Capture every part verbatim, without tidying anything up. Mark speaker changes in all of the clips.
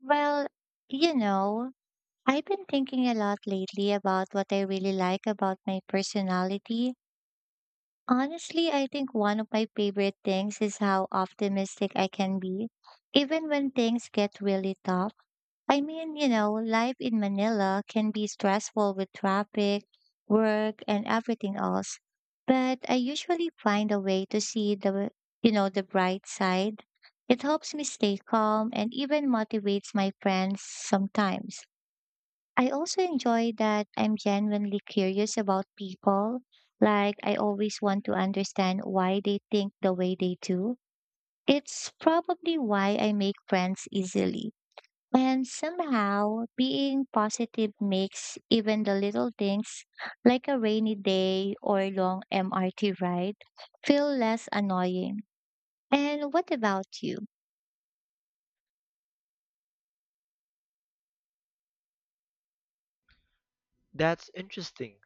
Speaker 1: Well, you know, I've been thinking a lot lately about what I really like about my personality. Honestly, I think one of my favorite things is how optimistic I can be, even when things get really tough. I mean, you know, life in Manila can be stressful with traffic, work, and everything else. But I usually find a way to see the, you know, the bright side. It helps me stay calm and even motivates my friends sometimes. I also enjoy that I'm genuinely curious about people. Like, I always want to understand why they think the way they do. It's probably why I make friends easily. And somehow, being positive makes even the little things, like a rainy day or a long M R T ride, feel less annoying. And what about you?
Speaker 2: That's interesting.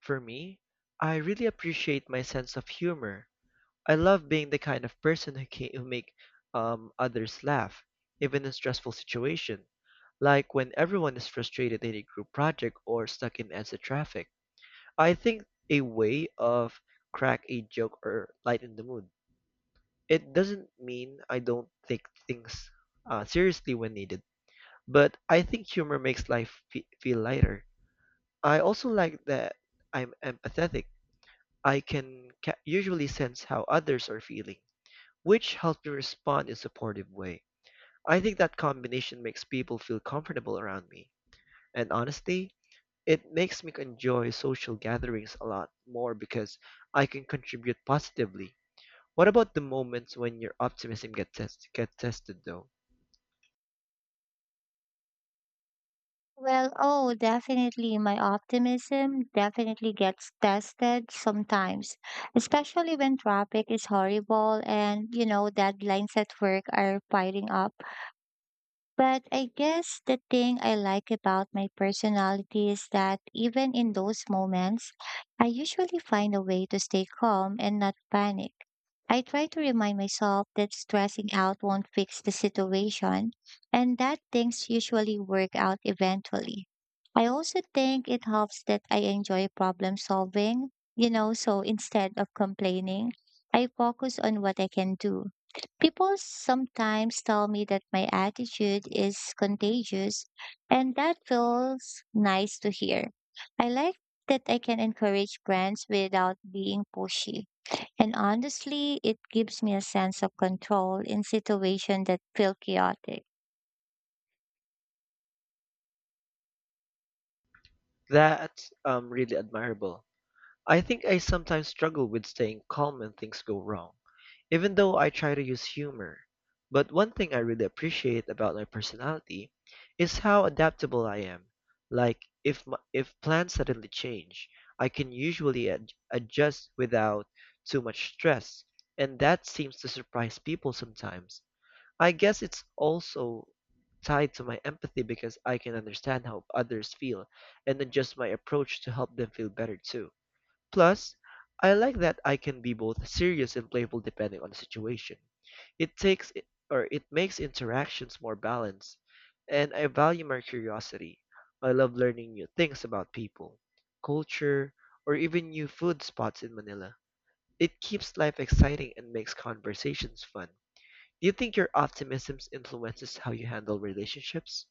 Speaker 2: For me, I really appreciate my sense of humor. I love being the kind of person who can who make um, others laugh, even in stressful situation, like when everyone is frustrated in a group project or stuck in answer traffic. I think a way of crack a joke or lighten the mood. It doesn't mean I don't take things uh, seriously when needed, but I think humor makes life fe feel lighter. I also like that I'm empathetic. I can ca- usually sense how others are feeling, which helps me respond in a supportive way. I think that combination makes people feel comfortable around me. And honestly, it makes me enjoy social gatherings a lot more because I can contribute positively. What about the moments when your optimism gets test- get tested though?
Speaker 1: Well, oh, definitely. My optimism definitely gets tested sometimes, especially when traffic is horrible and, you know, deadlines at work are piling up. But I guess the thing I like about my personality is that even in those moments, I usually find a way to stay calm and not panic. I try to remind myself that stressing out won't fix the situation and that things usually work out eventually. I also think it helps that I enjoy problem solving, you know, so instead of complaining, I focus on what I can do. People sometimes tell me that my attitude is contagious, and that feels nice to hear. I like that I can encourage brands without being pushy. And honestly, it gives me a sense of control in situations that feel chaotic.
Speaker 2: That's um, really admirable. I think I sometimes struggle with staying calm when things go wrong, even though I try to use humor. But one thing I really appreciate about my personality is how adaptable I am. Like if m if plans suddenly change, I can usually ad adjust without too much stress, and that seems to surprise people sometimes. I guess it's also tied to my empathy because I can understand how others feel and adjust my approach to help them feel better too. Plus, I like that I can be both serious and playful depending on the situation. It takes it, or it makes interactions more balanced, and I value my curiosity. I love learning new things about people, culture, or even new food spots in Manila. It keeps life exciting and makes conversations fun. Do you think your optimism influences how you handle relationships?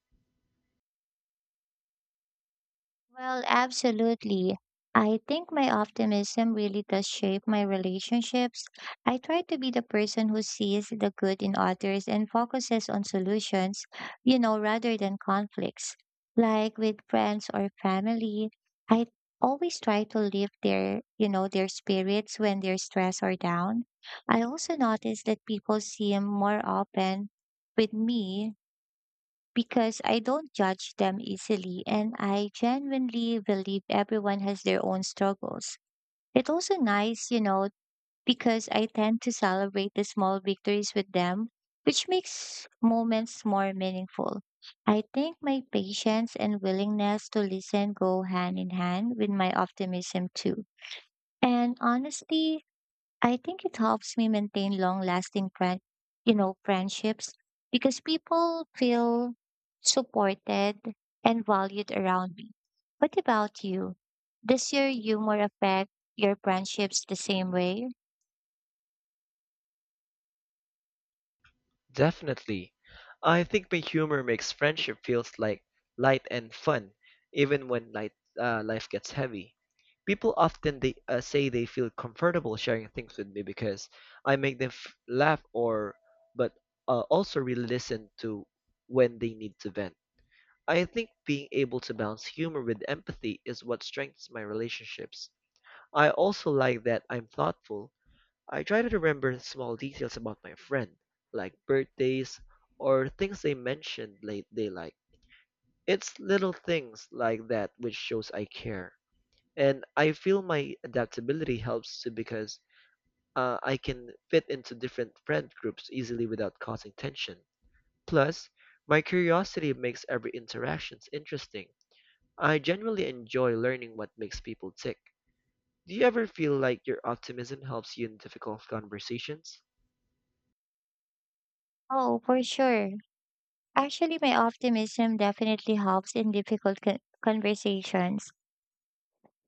Speaker 1: Well, absolutely. I think my optimism really does shape my relationships. I try to be the person who sees the good in others and focuses on solutions, you know, rather than conflicts. Like with friends or family, I always try to lift their, you know, their spirits when they're stressed or down. I also notice that people seem more open with me because I don't judge them easily and I genuinely believe everyone has their own struggles. It's also nice, you know, because I tend to celebrate the small victories with them, which makes moments more meaningful. I think my patience and willingness to listen go hand in hand with my optimism too. And honestly, I think it helps me maintain long lasting friend, you know, friendships because people feel supported and valued around me. What about you? Does your humor affect your friendships the same way?
Speaker 2: Definitely. I think my humor makes friendship feels like light and fun, even when light, uh, life gets heavy. People often they, uh, say they feel comfortable sharing things with me because I make them f- laugh or, but uh, also really listen to when they need to vent. I think being able to balance humor with empathy is what strengthens my relationships. I also like that I'm thoughtful. I try to remember small details about my friend, like birthdays or things they mentioned late they like. It's little things like that which shows I care. And I feel my adaptability helps too because uh, I can fit into different friend groups easily without causing tension. Plus, my curiosity makes every interaction interesting. I generally enjoy learning what makes people tick. Do you ever feel like your optimism helps you in difficult conversations?
Speaker 1: Oh, for sure. Actually, my optimism definitely helps in difficult co- conversations.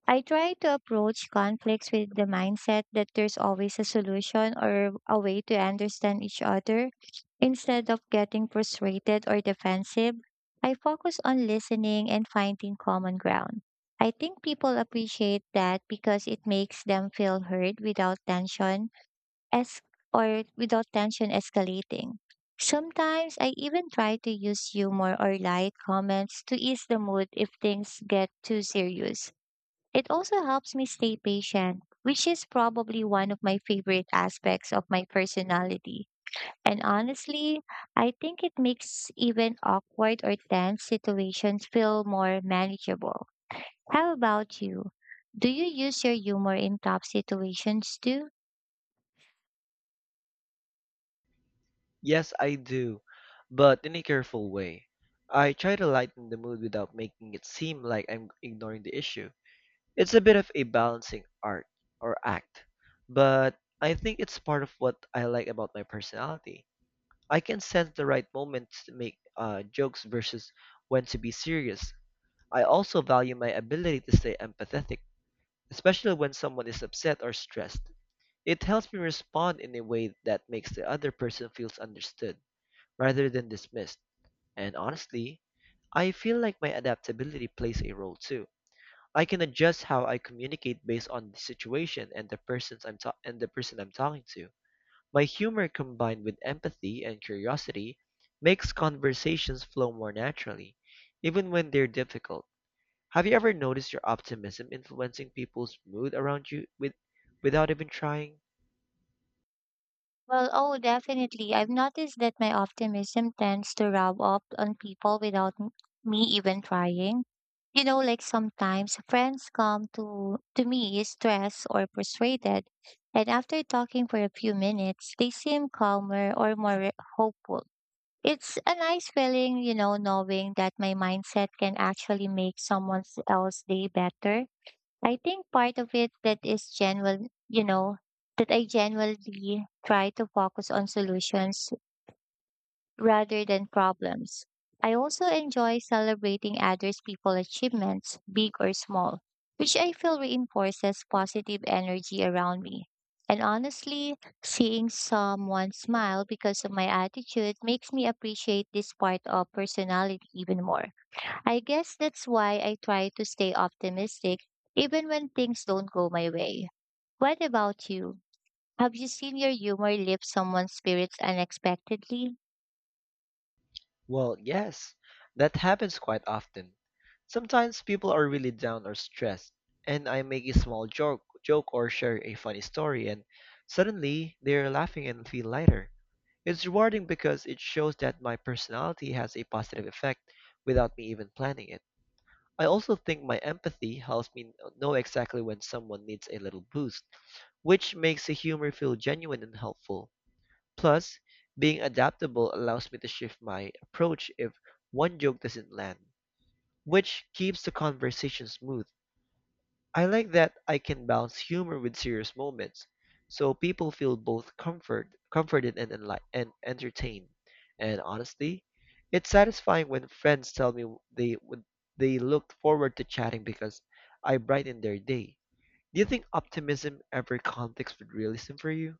Speaker 1: I try to approach conflicts with the mindset that there's always a solution or a way to understand each other. Instead of getting frustrated or defensive, I focus on listening and finding common ground. I think people appreciate that because it makes them feel heard without tension es- or without tension escalating. Sometimes I even try to use humor or light comments to ease the mood if things get too serious. It also helps me stay patient, which is probably one of my favorite aspects of my personality. And honestly, I think it makes even awkward or tense situations feel more manageable. How about you? Do you use your humor in tough situations too?
Speaker 2: Yes, I do, but in a careful way. I try to lighten the mood without making it seem like I'm ignoring the issue. It's a bit of a balancing art or act, but I think it's part of what I like about my personality. I can sense the right moments to make uh, jokes versus when to be serious. I also value my ability to stay empathetic, especially when someone is upset or stressed. It helps me respond in a way that makes the other person feels understood rather than dismissed. And honestly, I feel like my adaptability plays a role too. I can adjust how I communicate based on the situation and the persons I'm ta- and the person I'm talking to. My humor combined with empathy and curiosity makes conversations flow more naturally, even when they're difficult. Have you ever noticed your optimism influencing people's mood around you with, without even trying?
Speaker 1: Well, oh, definitely. I've noticed that my optimism tends to rub off on people without m- me even trying. You know, like sometimes friends come to to me stressed or frustrated, and after talking for a few minutes, they seem calmer or more re- hopeful. It's a nice feeling, you know, knowing that my mindset can actually make someone else's day better. I think part of it that is genuine, you know, that I genuinely try to focus on solutions rather than problems. I also enjoy celebrating others' people achievements, big or small, which I feel reinforces positive energy around me. And honestly, seeing someone smile because of my attitude makes me appreciate this part of personality even more. I guess that's why I try to stay optimistic even when things don't go my way. What about you? Have you seen your humor lift someone's spirits unexpectedly?
Speaker 2: Well, yes, that happens quite often. Sometimes people are really down or stressed, and I make a small joke, joke or share a funny story, and suddenly they're laughing and feel lighter. It's rewarding because it shows that my personality has a positive effect without me even planning it. I also think my empathy helps me know exactly when someone needs a little boost, which makes the humor feel genuine and helpful. Plus, being adaptable allows me to shift my approach if one joke doesn't land, which keeps the conversation smooth. I like that I can balance humor with serious moments, so people feel both comfort, comforted and enli- and entertained. And honestly, it's satisfying when friends tell me they would they looked forward to chatting because I brightened their day. Do you think optimism ever conflicts with realism for you?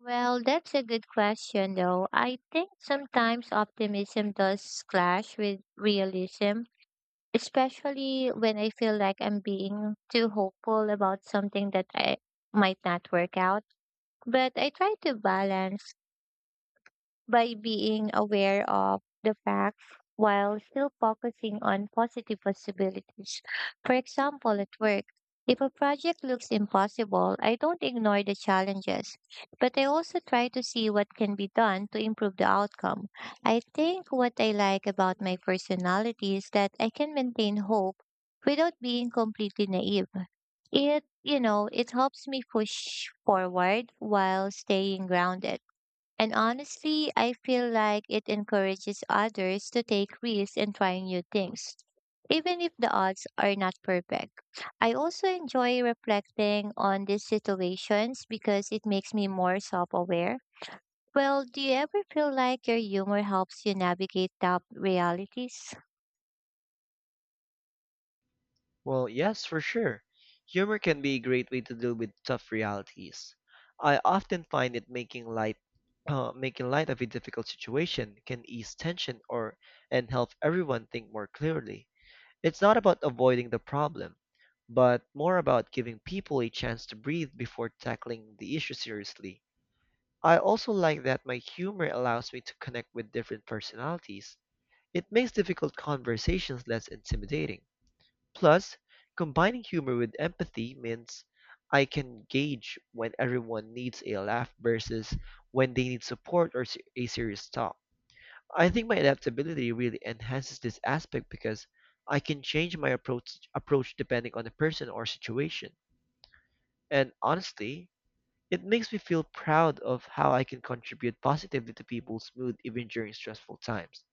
Speaker 1: Well, that's a good question, though. I think sometimes optimism does clash with realism, especially when I feel like I'm being too hopeful about something that I might not work out. But I try to balance by being aware of the facts while still focusing on positive possibilities. For example, at work, if a project looks impossible, I don't ignore the challenges, but I also try to see what can be done to improve the outcome. I think what I like about my personality is that I can maintain hope without being completely naive. It, you know, it helps me push forward while staying grounded. And honestly, I feel like it encourages others to take risks and try new things, even if the odds are not perfect. I also enjoy reflecting on these situations because it makes me more self aware. Well, do you ever feel like your humor helps you navigate tough realities?
Speaker 2: Well, yes, for sure. Humor can be a great way to deal with tough realities. I often find it making light uh, making light of a difficult situation can ease tension or and help everyone think more clearly. It's not about avoiding the problem, but more about giving people a chance to breathe before tackling the issue seriously. I also like that my humor allows me to connect with different personalities. It makes difficult conversations less intimidating. Plus, combining humor with empathy means I can gauge when everyone needs a laugh versus when they need support or se- a serious talk. I think my adaptability really enhances this aspect because I can change my approach approach depending on the person or situation. And honestly, it makes me feel proud of how I can contribute positively to people's mood even during stressful times.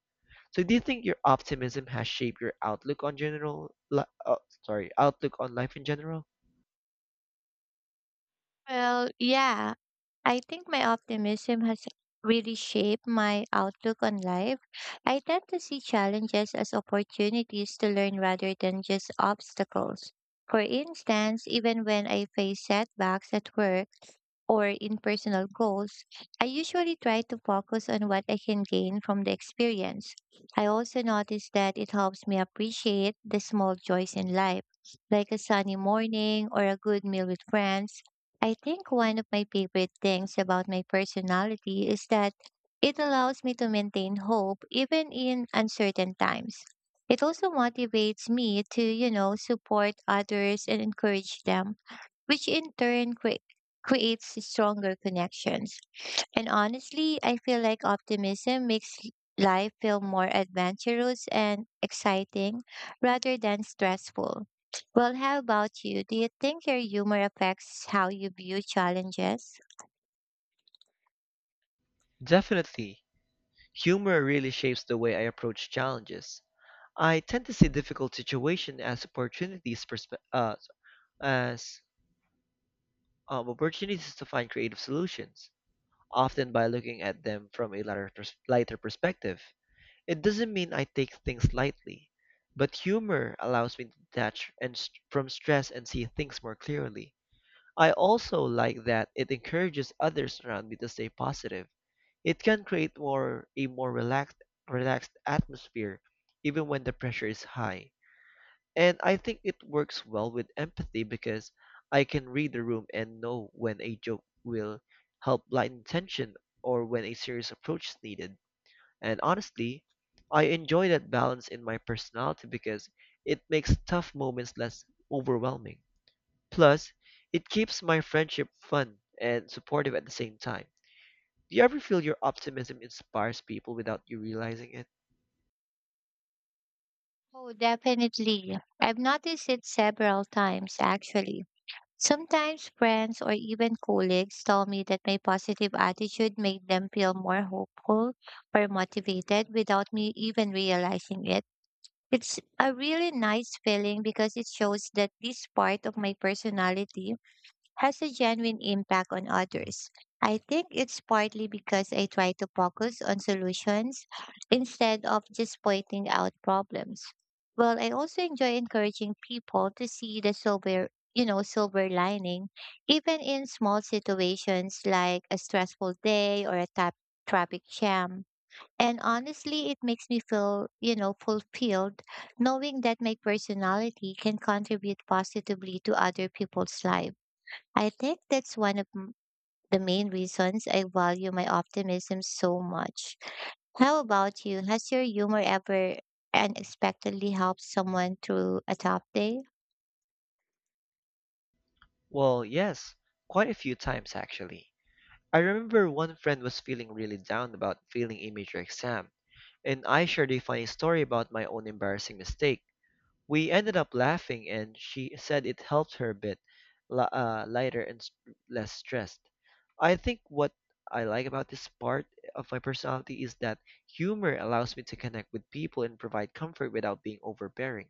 Speaker 2: So do you think your optimism has shaped your outlook on general li- uh, sorry, outlook on life in general?
Speaker 1: Well, yeah, I think my optimism has really shaped my outlook on life. I tend to see challenges as opportunities to learn rather than just obstacles. For instance, even when I face setbacks at work, or in personal goals, I usually try to focus on what I can gain from the experience. I also notice that it helps me appreciate the small joys in life, like a sunny morning or a good meal with friends. I think one of my favorite things about my personality is that it allows me to maintain hope even in uncertain times. It also motivates me to, you know, support others and encourage them, which in turn cre- creates stronger connections. And honestly, I feel like optimism makes life feel more adventurous and exciting rather than stressful. Well, how about you? Do you think your humor affects how you view challenges?
Speaker 2: Definitely. Humor really shapes the way I approach challenges. I tend to see difficult situations as opportunities perspe- uh, as um, opportunities to find creative solutions, often by looking at them from a lighter, pers- lighter perspective. It doesn't mean I take things lightly, but humor allows me to detach and st- from stress and see things more clearly. I also like that it encourages others around me to stay positive. It can create more a more relaxed relaxed atmosphere even when the pressure is high. And I think it works well with empathy because I can read the room and know when a joke will help lighten tension or when a serious approach is needed. And honestly, I enjoy that balance in my personality because it makes tough moments less overwhelming. Plus, it keeps my friendship fun and supportive at the same time. Do you ever feel your optimism inspires people without you realizing it?
Speaker 1: Oh, definitely. I've noticed it several times, actually. Sometimes friends or even colleagues tell me that my positive attitude made them feel more hopeful or motivated without me even realizing it. It's a really nice feeling because it shows that this part of my personality has a genuine impact on others. I think it's partly because I try to focus on solutions instead of just pointing out problems. Well, I also enjoy encouraging people to see the silver, you know, silver lining, even in small situations like a stressful day or a tap traffic jam. And honestly, it makes me feel, you know, fulfilled knowing that my personality can contribute positively to other people's lives. I think that's one of m- the main reasons I value my optimism so much. How about you? Has your humor ever unexpectedly helped someone through a tough day?
Speaker 2: Well, yes, quite a few times actually. I remember one friend was feeling really down about failing a major exam, and I shared a funny story about my own embarrassing mistake. We ended up laughing, and she said it helped her a bit li- uh, lighter and s less stressed. I think what I like about this part of my personality is that humor allows me to connect with people and provide comfort without being overbearing.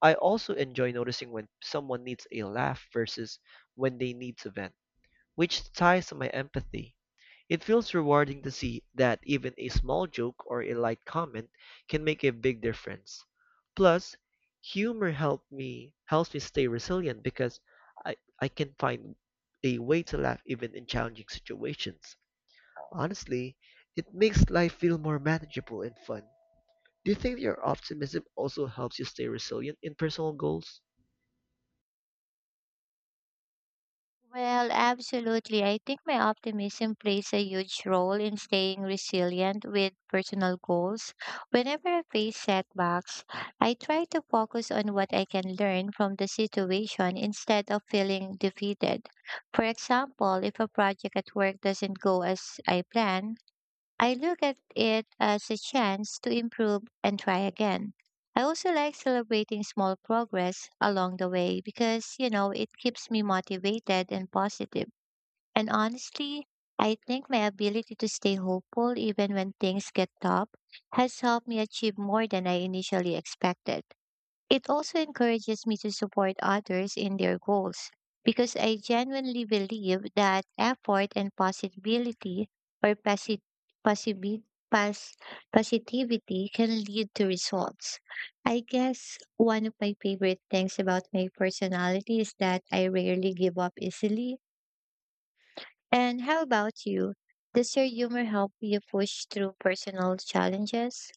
Speaker 2: I also enjoy noticing when someone needs a laugh versus when they need to vent, which ties to my empathy. It feels rewarding to see that even a small joke or a light comment can make a big difference. Plus, humor help me helps me stay resilient because I, I can find a way to laugh even in challenging situations. Honestly, it makes life feel more manageable and fun. Do you think your optimism also helps you stay resilient in personal goals?
Speaker 1: Well, absolutely. I think my optimism plays a huge role in staying resilient with personal goals. Whenever I face setbacks, I try to focus on what I can learn from the situation instead of feeling defeated. For example, if a project at work doesn't go as I plan, I look at it as a chance to improve and try again. I also like celebrating small progress along the way because, you know, it keeps me motivated and positive. And honestly, I think my ability to stay hopeful even when things get tough has helped me achieve more than I initially expected. It also encourages me to support others in their goals because I genuinely believe that effort and possibility or posi- possibi- pos- positivity can lead to results. I guess one of my favorite things about my personality is that I rarely give up easily. And how about you? Does your humor help you push through personal challenges?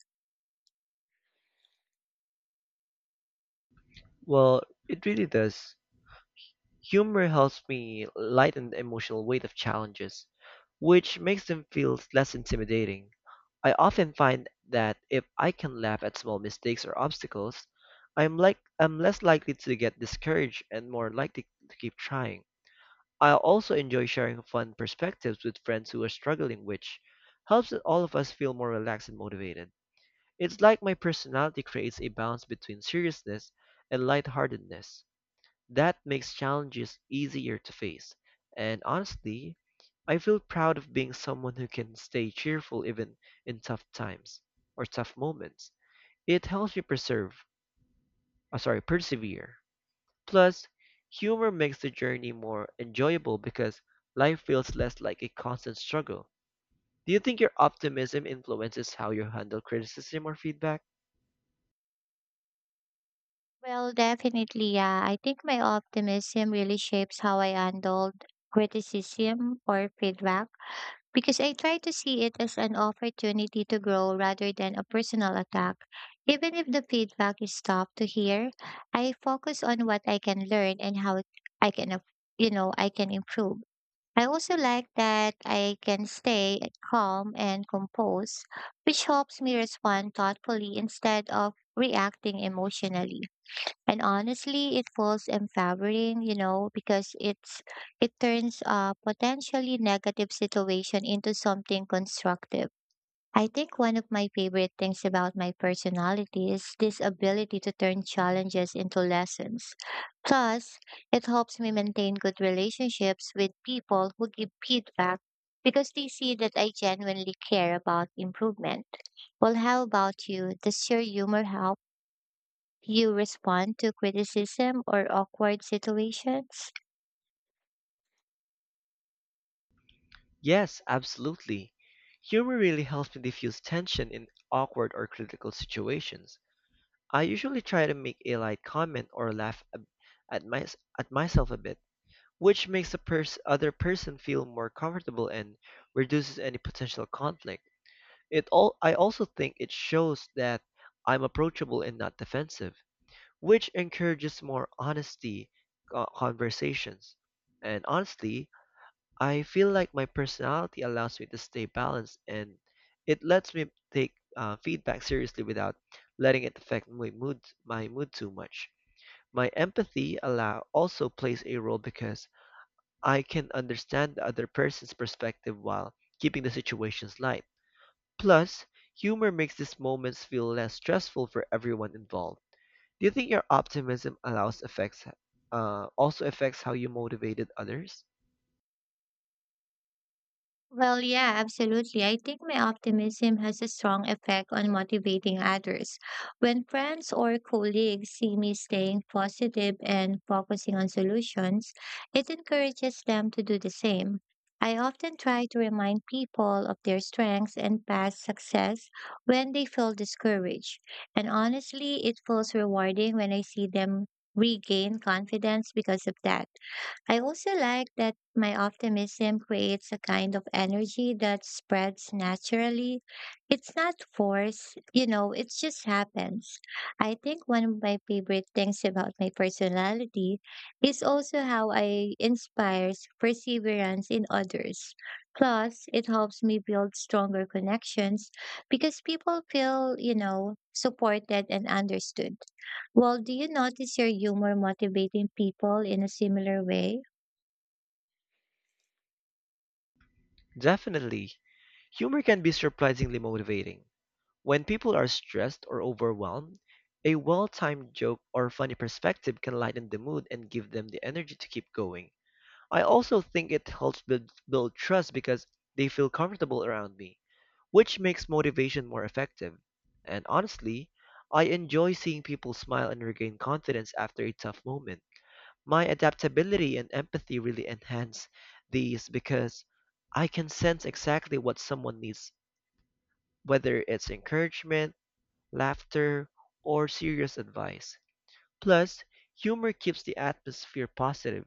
Speaker 2: Well, it really does. Humor helps me lighten the emotional weight of challenges, which makes them feel less intimidating. I often find that if I can laugh at small mistakes or obstacles, I'm like I'm less likely to get discouraged and more likely to keep trying. I also enjoy sharing fun perspectives with friends who are struggling, which helps all of us feel more relaxed and motivated. It's like my personality creates a balance between seriousness and lightheartedness. That makes challenges easier to face. And honestly, I feel proud of being someone who can stay cheerful even in tough times or tough moments. It helps me preserve, uh, sorry, persevere. Plus, humor makes the journey more enjoyable because life feels less like a constant struggle. Do you think your optimism influences how you handle criticism or feedback?
Speaker 1: Well, definitely, yeah. I think my optimism really shapes how I handled criticism or feedback because I try to see it as an opportunity to grow rather than a personal attack. Even if the feedback is tough to hear, I focus on what I can learn and how I can, ap- you know, I can improve. I also like that I can stay calm and composed, which helps me respond thoughtfully instead of reacting emotionally. And honestly, it feels empowering, you know, because it's it turns a potentially negative situation into something constructive. I think one of my favorite things about my personality is this ability to turn challenges into lessons. Plus, it helps me maintain good relationships with people who give feedback because they see that I genuinely care about improvement. Well, how about you? Does your humor help you respond to criticism or awkward situations?
Speaker 2: Yes, absolutely. Humor really helps me diffuse tension in awkward or critical situations. I usually try to make a light comment or laugh a- at my at myself a bit, which makes the pers- other person feel more comfortable and reduces any potential conflict. It all I also think it shows that I'm approachable and not defensive, which encourages more honesty uh, conversations. And honestly, I feel like my personality allows me to stay balanced and it lets me take uh, feedback seriously without letting it affect my mood my mood too much. My empathy allow also plays a role because I can understand the other person's perspective while keeping the situations light. Plus, humor makes these moments feel less stressful for everyone involved. Do you think your optimism allows affects uh, also affects how you motivated others?
Speaker 1: Well, yeah, absolutely. I think my optimism has a strong effect on motivating others. When friends or colleagues see me staying positive and focusing on solutions, it encourages them to do the same. I often try to remind people of their strengths and past success when they feel discouraged. And honestly, it feels rewarding when I see them regain confidence because of that. I also like that my optimism creates a kind of energy that spreads naturally. It's not forced, you know, it just happens. I think one of my favorite things about my personality is also how I inspires perseverance in others. Plus, it helps me build stronger connections because people feel, you know, supported and understood. Well, do you notice your humor motivating people in a similar way?
Speaker 2: Definitely. Humor can be surprisingly motivating. When people are stressed or overwhelmed, a well-timed joke or funny perspective can lighten the mood and give them the energy to keep going. I also think it helps build, build trust because they feel comfortable around me, which makes motivation more effective. And honestly, I enjoy seeing people smile and regain confidence after a tough moment. My adaptability and empathy really enhance these because I can sense exactly what someone needs, whether it's encouragement, laughter, or serious advice. Plus, humor keeps the atmosphere positive,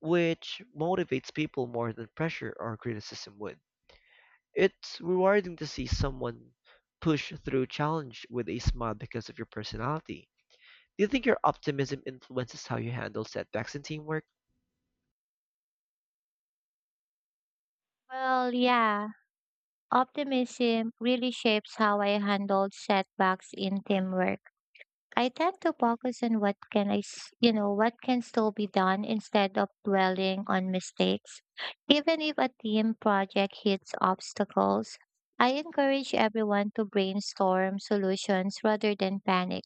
Speaker 2: which motivates people more than pressure or criticism would. It's rewarding to see someone push through challenge with a smile because of your personality. Do you think your optimism influences how you handle setbacks in teamwork?
Speaker 1: Well, yeah, optimism really shapes how I handle setbacks in teamwork. I tend to focus on what can I, s- you know, what can still be done instead of dwelling on mistakes. Even if a team project hits obstacles, I encourage everyone to brainstorm solutions rather than panic.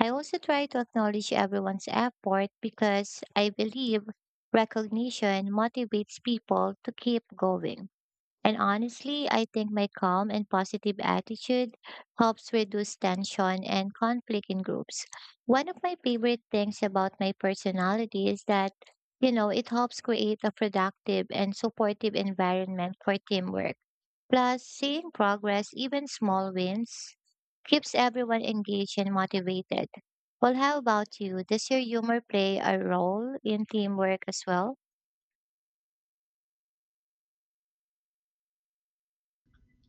Speaker 1: I also try to acknowledge everyone's effort because I believe recognition motivates people to keep going. And honestly, I think my calm and positive attitude helps reduce tension and conflict in groups. One of my favorite things about my personality is that, you know, it helps create a productive and supportive environment for teamwork. Plus, seeing progress, even small wins, keeps everyone engaged and motivated. Well, how about you? Does your humor play a role in teamwork as well?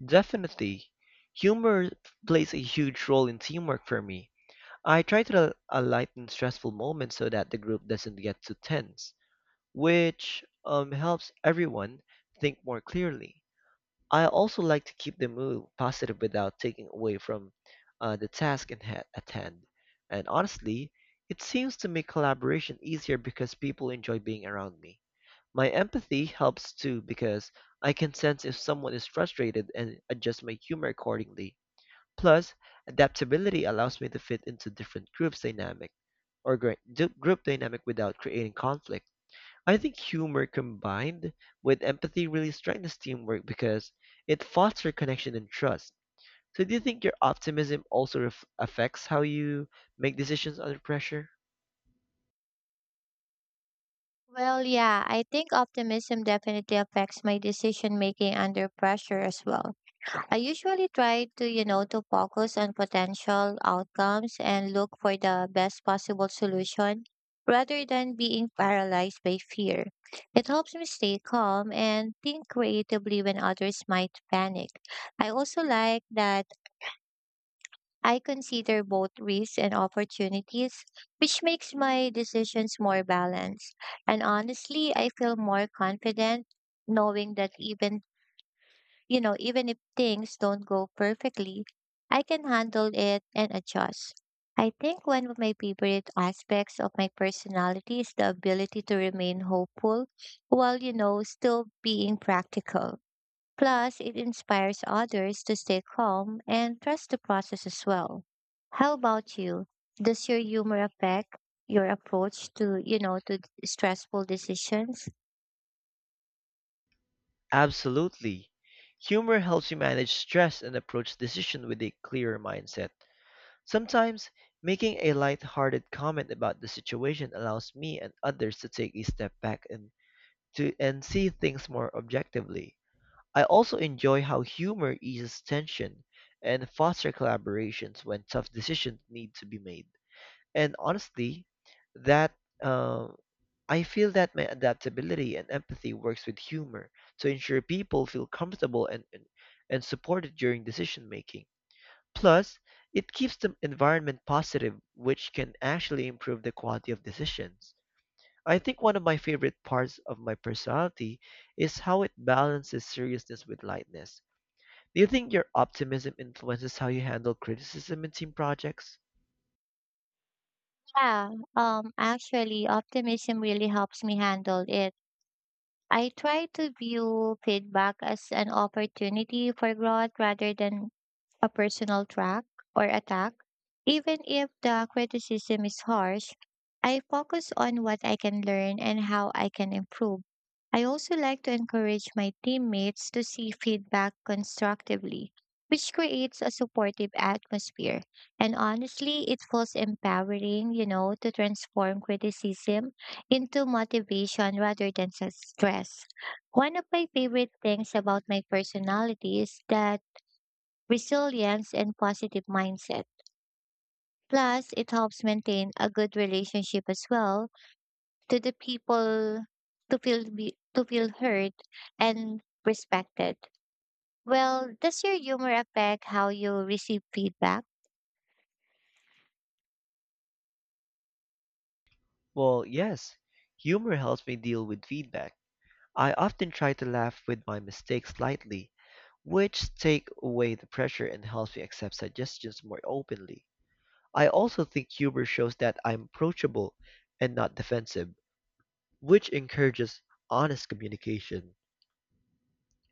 Speaker 2: Definitely. Humor plays a huge role in teamwork for me. I try to uh, lighten stressful moments so that the group doesn't get too tense, which um, helps everyone think more clearly. I also like to keep the mood positive without taking away from uh, the task in ha- at hand. And honestly, it seems to make collaboration easier because people enjoy being around me. My empathy helps too because I can sense if someone is frustrated and adjust my humor accordingly. Plus, adaptability allows me to fit into different groups dynamic or gr- d- group dynamic without creating conflict. I think humor combined with empathy really strengthens teamwork because it fosters connection and trust. So, do you think your optimism also ref- affects how you make decisions under pressure?
Speaker 1: Well, yeah, I think optimism definitely affects my decision making under pressure as well. I usually try to, you know, to focus on potential outcomes and look for the best possible solution rather than being paralyzed by fear. It helps me stay calm and think creatively when others might panic. I also like that I consider both risks and opportunities, which makes my decisions more balanced. And honestly, I feel more confident knowing that even, you know, even if things don't go perfectly, I can handle it and adjust. I think one of my favorite aspects of my personality is the ability to remain hopeful while, you know, still being practical. Plus, it inspires others to stay calm and trust the process as well. How about you? Does your humor affect your approach to, you know, to stressful decisions?
Speaker 2: Absolutely. Humor helps you manage stress and approach decision with a clearer mindset. Sometimes, making a light-hearted comment about the situation allows me and others to take a step back and to and see things more objectively. I also enjoy how humor eases tension and foster collaborations when tough decisions need to be made. And honestly, that uh, I feel that my adaptability and empathy works with humor to ensure people feel comfortable and and, and supported during decision making. Plus, it keeps the environment positive, which can actually improve the quality of decisions. I think one of my favorite parts of my personality is how it balances seriousness with lightness. Do you think your optimism influences how you handle criticism in team projects?
Speaker 1: Yeah, um, actually, optimism really helps me handle it. I try to view feedback as an opportunity for growth rather than a personal track or attack. Even if the criticism is harsh, I focus on what I can learn and how I can improve. I also like to encourage my teammates to see feedback constructively, which creates a supportive atmosphere. And honestly, it feels empowering, you know, to transform criticism into motivation rather than s- stress. One of my favorite things about my personality is that resilience and positive mindset. Plus, it helps maintain a good relationship as well to the people to feel be, to feel heard and respected. Well, does your humor affect how you receive feedback?
Speaker 2: Well, yes. Humor helps me deal with feedback. I often try to laugh with my mistakes lightly, which take away the pressure and helps me accept suggestions more openly. I also think humor shows that I'm approachable and not defensive, which encourages honest communication.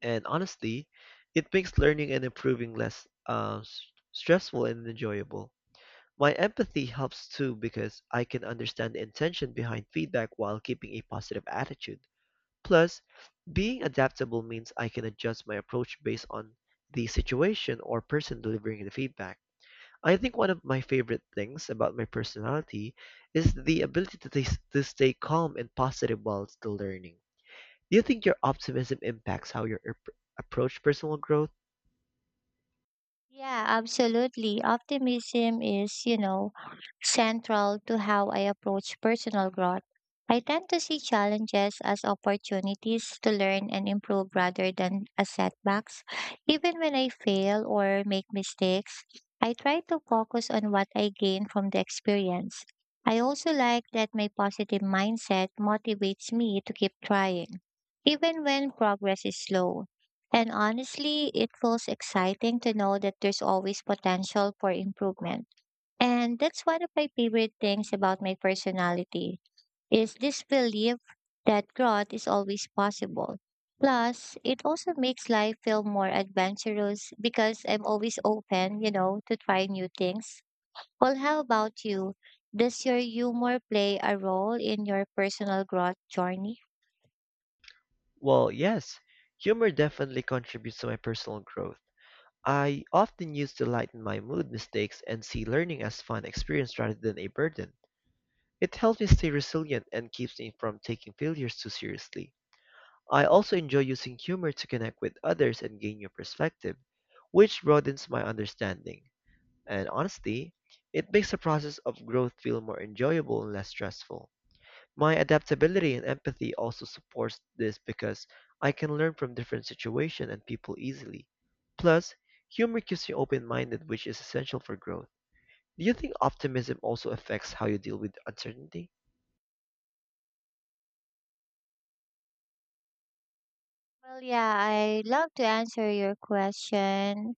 Speaker 2: And honestly, it makes learning and improving less uh, s- stressful and enjoyable. My empathy helps too because I can understand the intention behind feedback while keeping a positive attitude. Plus, being adaptable means I can adjust my approach based on the situation or person delivering the feedback. I think one of my favorite things about my personality is the ability to, t- to stay calm and positive while still learning. Do you think your optimism impacts how you ap- approach personal growth?
Speaker 1: Yeah, absolutely. Optimism is, you know, central to how I approach personal growth. I tend to see challenges as opportunities to learn and improve rather than as setbacks. Even when I fail or make mistakes, I try to focus on what I gain from the experience. I also like that my positive mindset motivates me to keep trying, even when progress is slow. And honestly, it feels exciting to know that there's always potential for improvement. And that's one of my favorite things about my personality is this belief that growth is always possible. Plus, it also makes life feel more adventurous because I'm always open, you know, to try new things. Well, how about you? Does your humor play a role in your personal growth journey?
Speaker 2: Well, yes, humor definitely contributes to my personal growth. I often use to lighten my mood mistakes and see learning as fun experience rather than a burden. It helps me stay resilient and keeps me from taking failures too seriously. I also enjoy using humor to connect with others and gain new perspective, which broadens my understanding. And honestly, it makes the process of growth feel more enjoyable and less stressful. My adaptability and empathy also supports this because I can learn from different situations and people easily. Plus, humor keeps me open-minded, which is essential for growth. Do you think optimism also affects how you deal with uncertainty?
Speaker 1: Well, yeah, I love to answer your question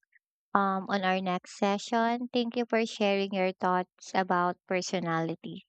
Speaker 1: um, on our next session. Thank you for sharing your thoughts about personality.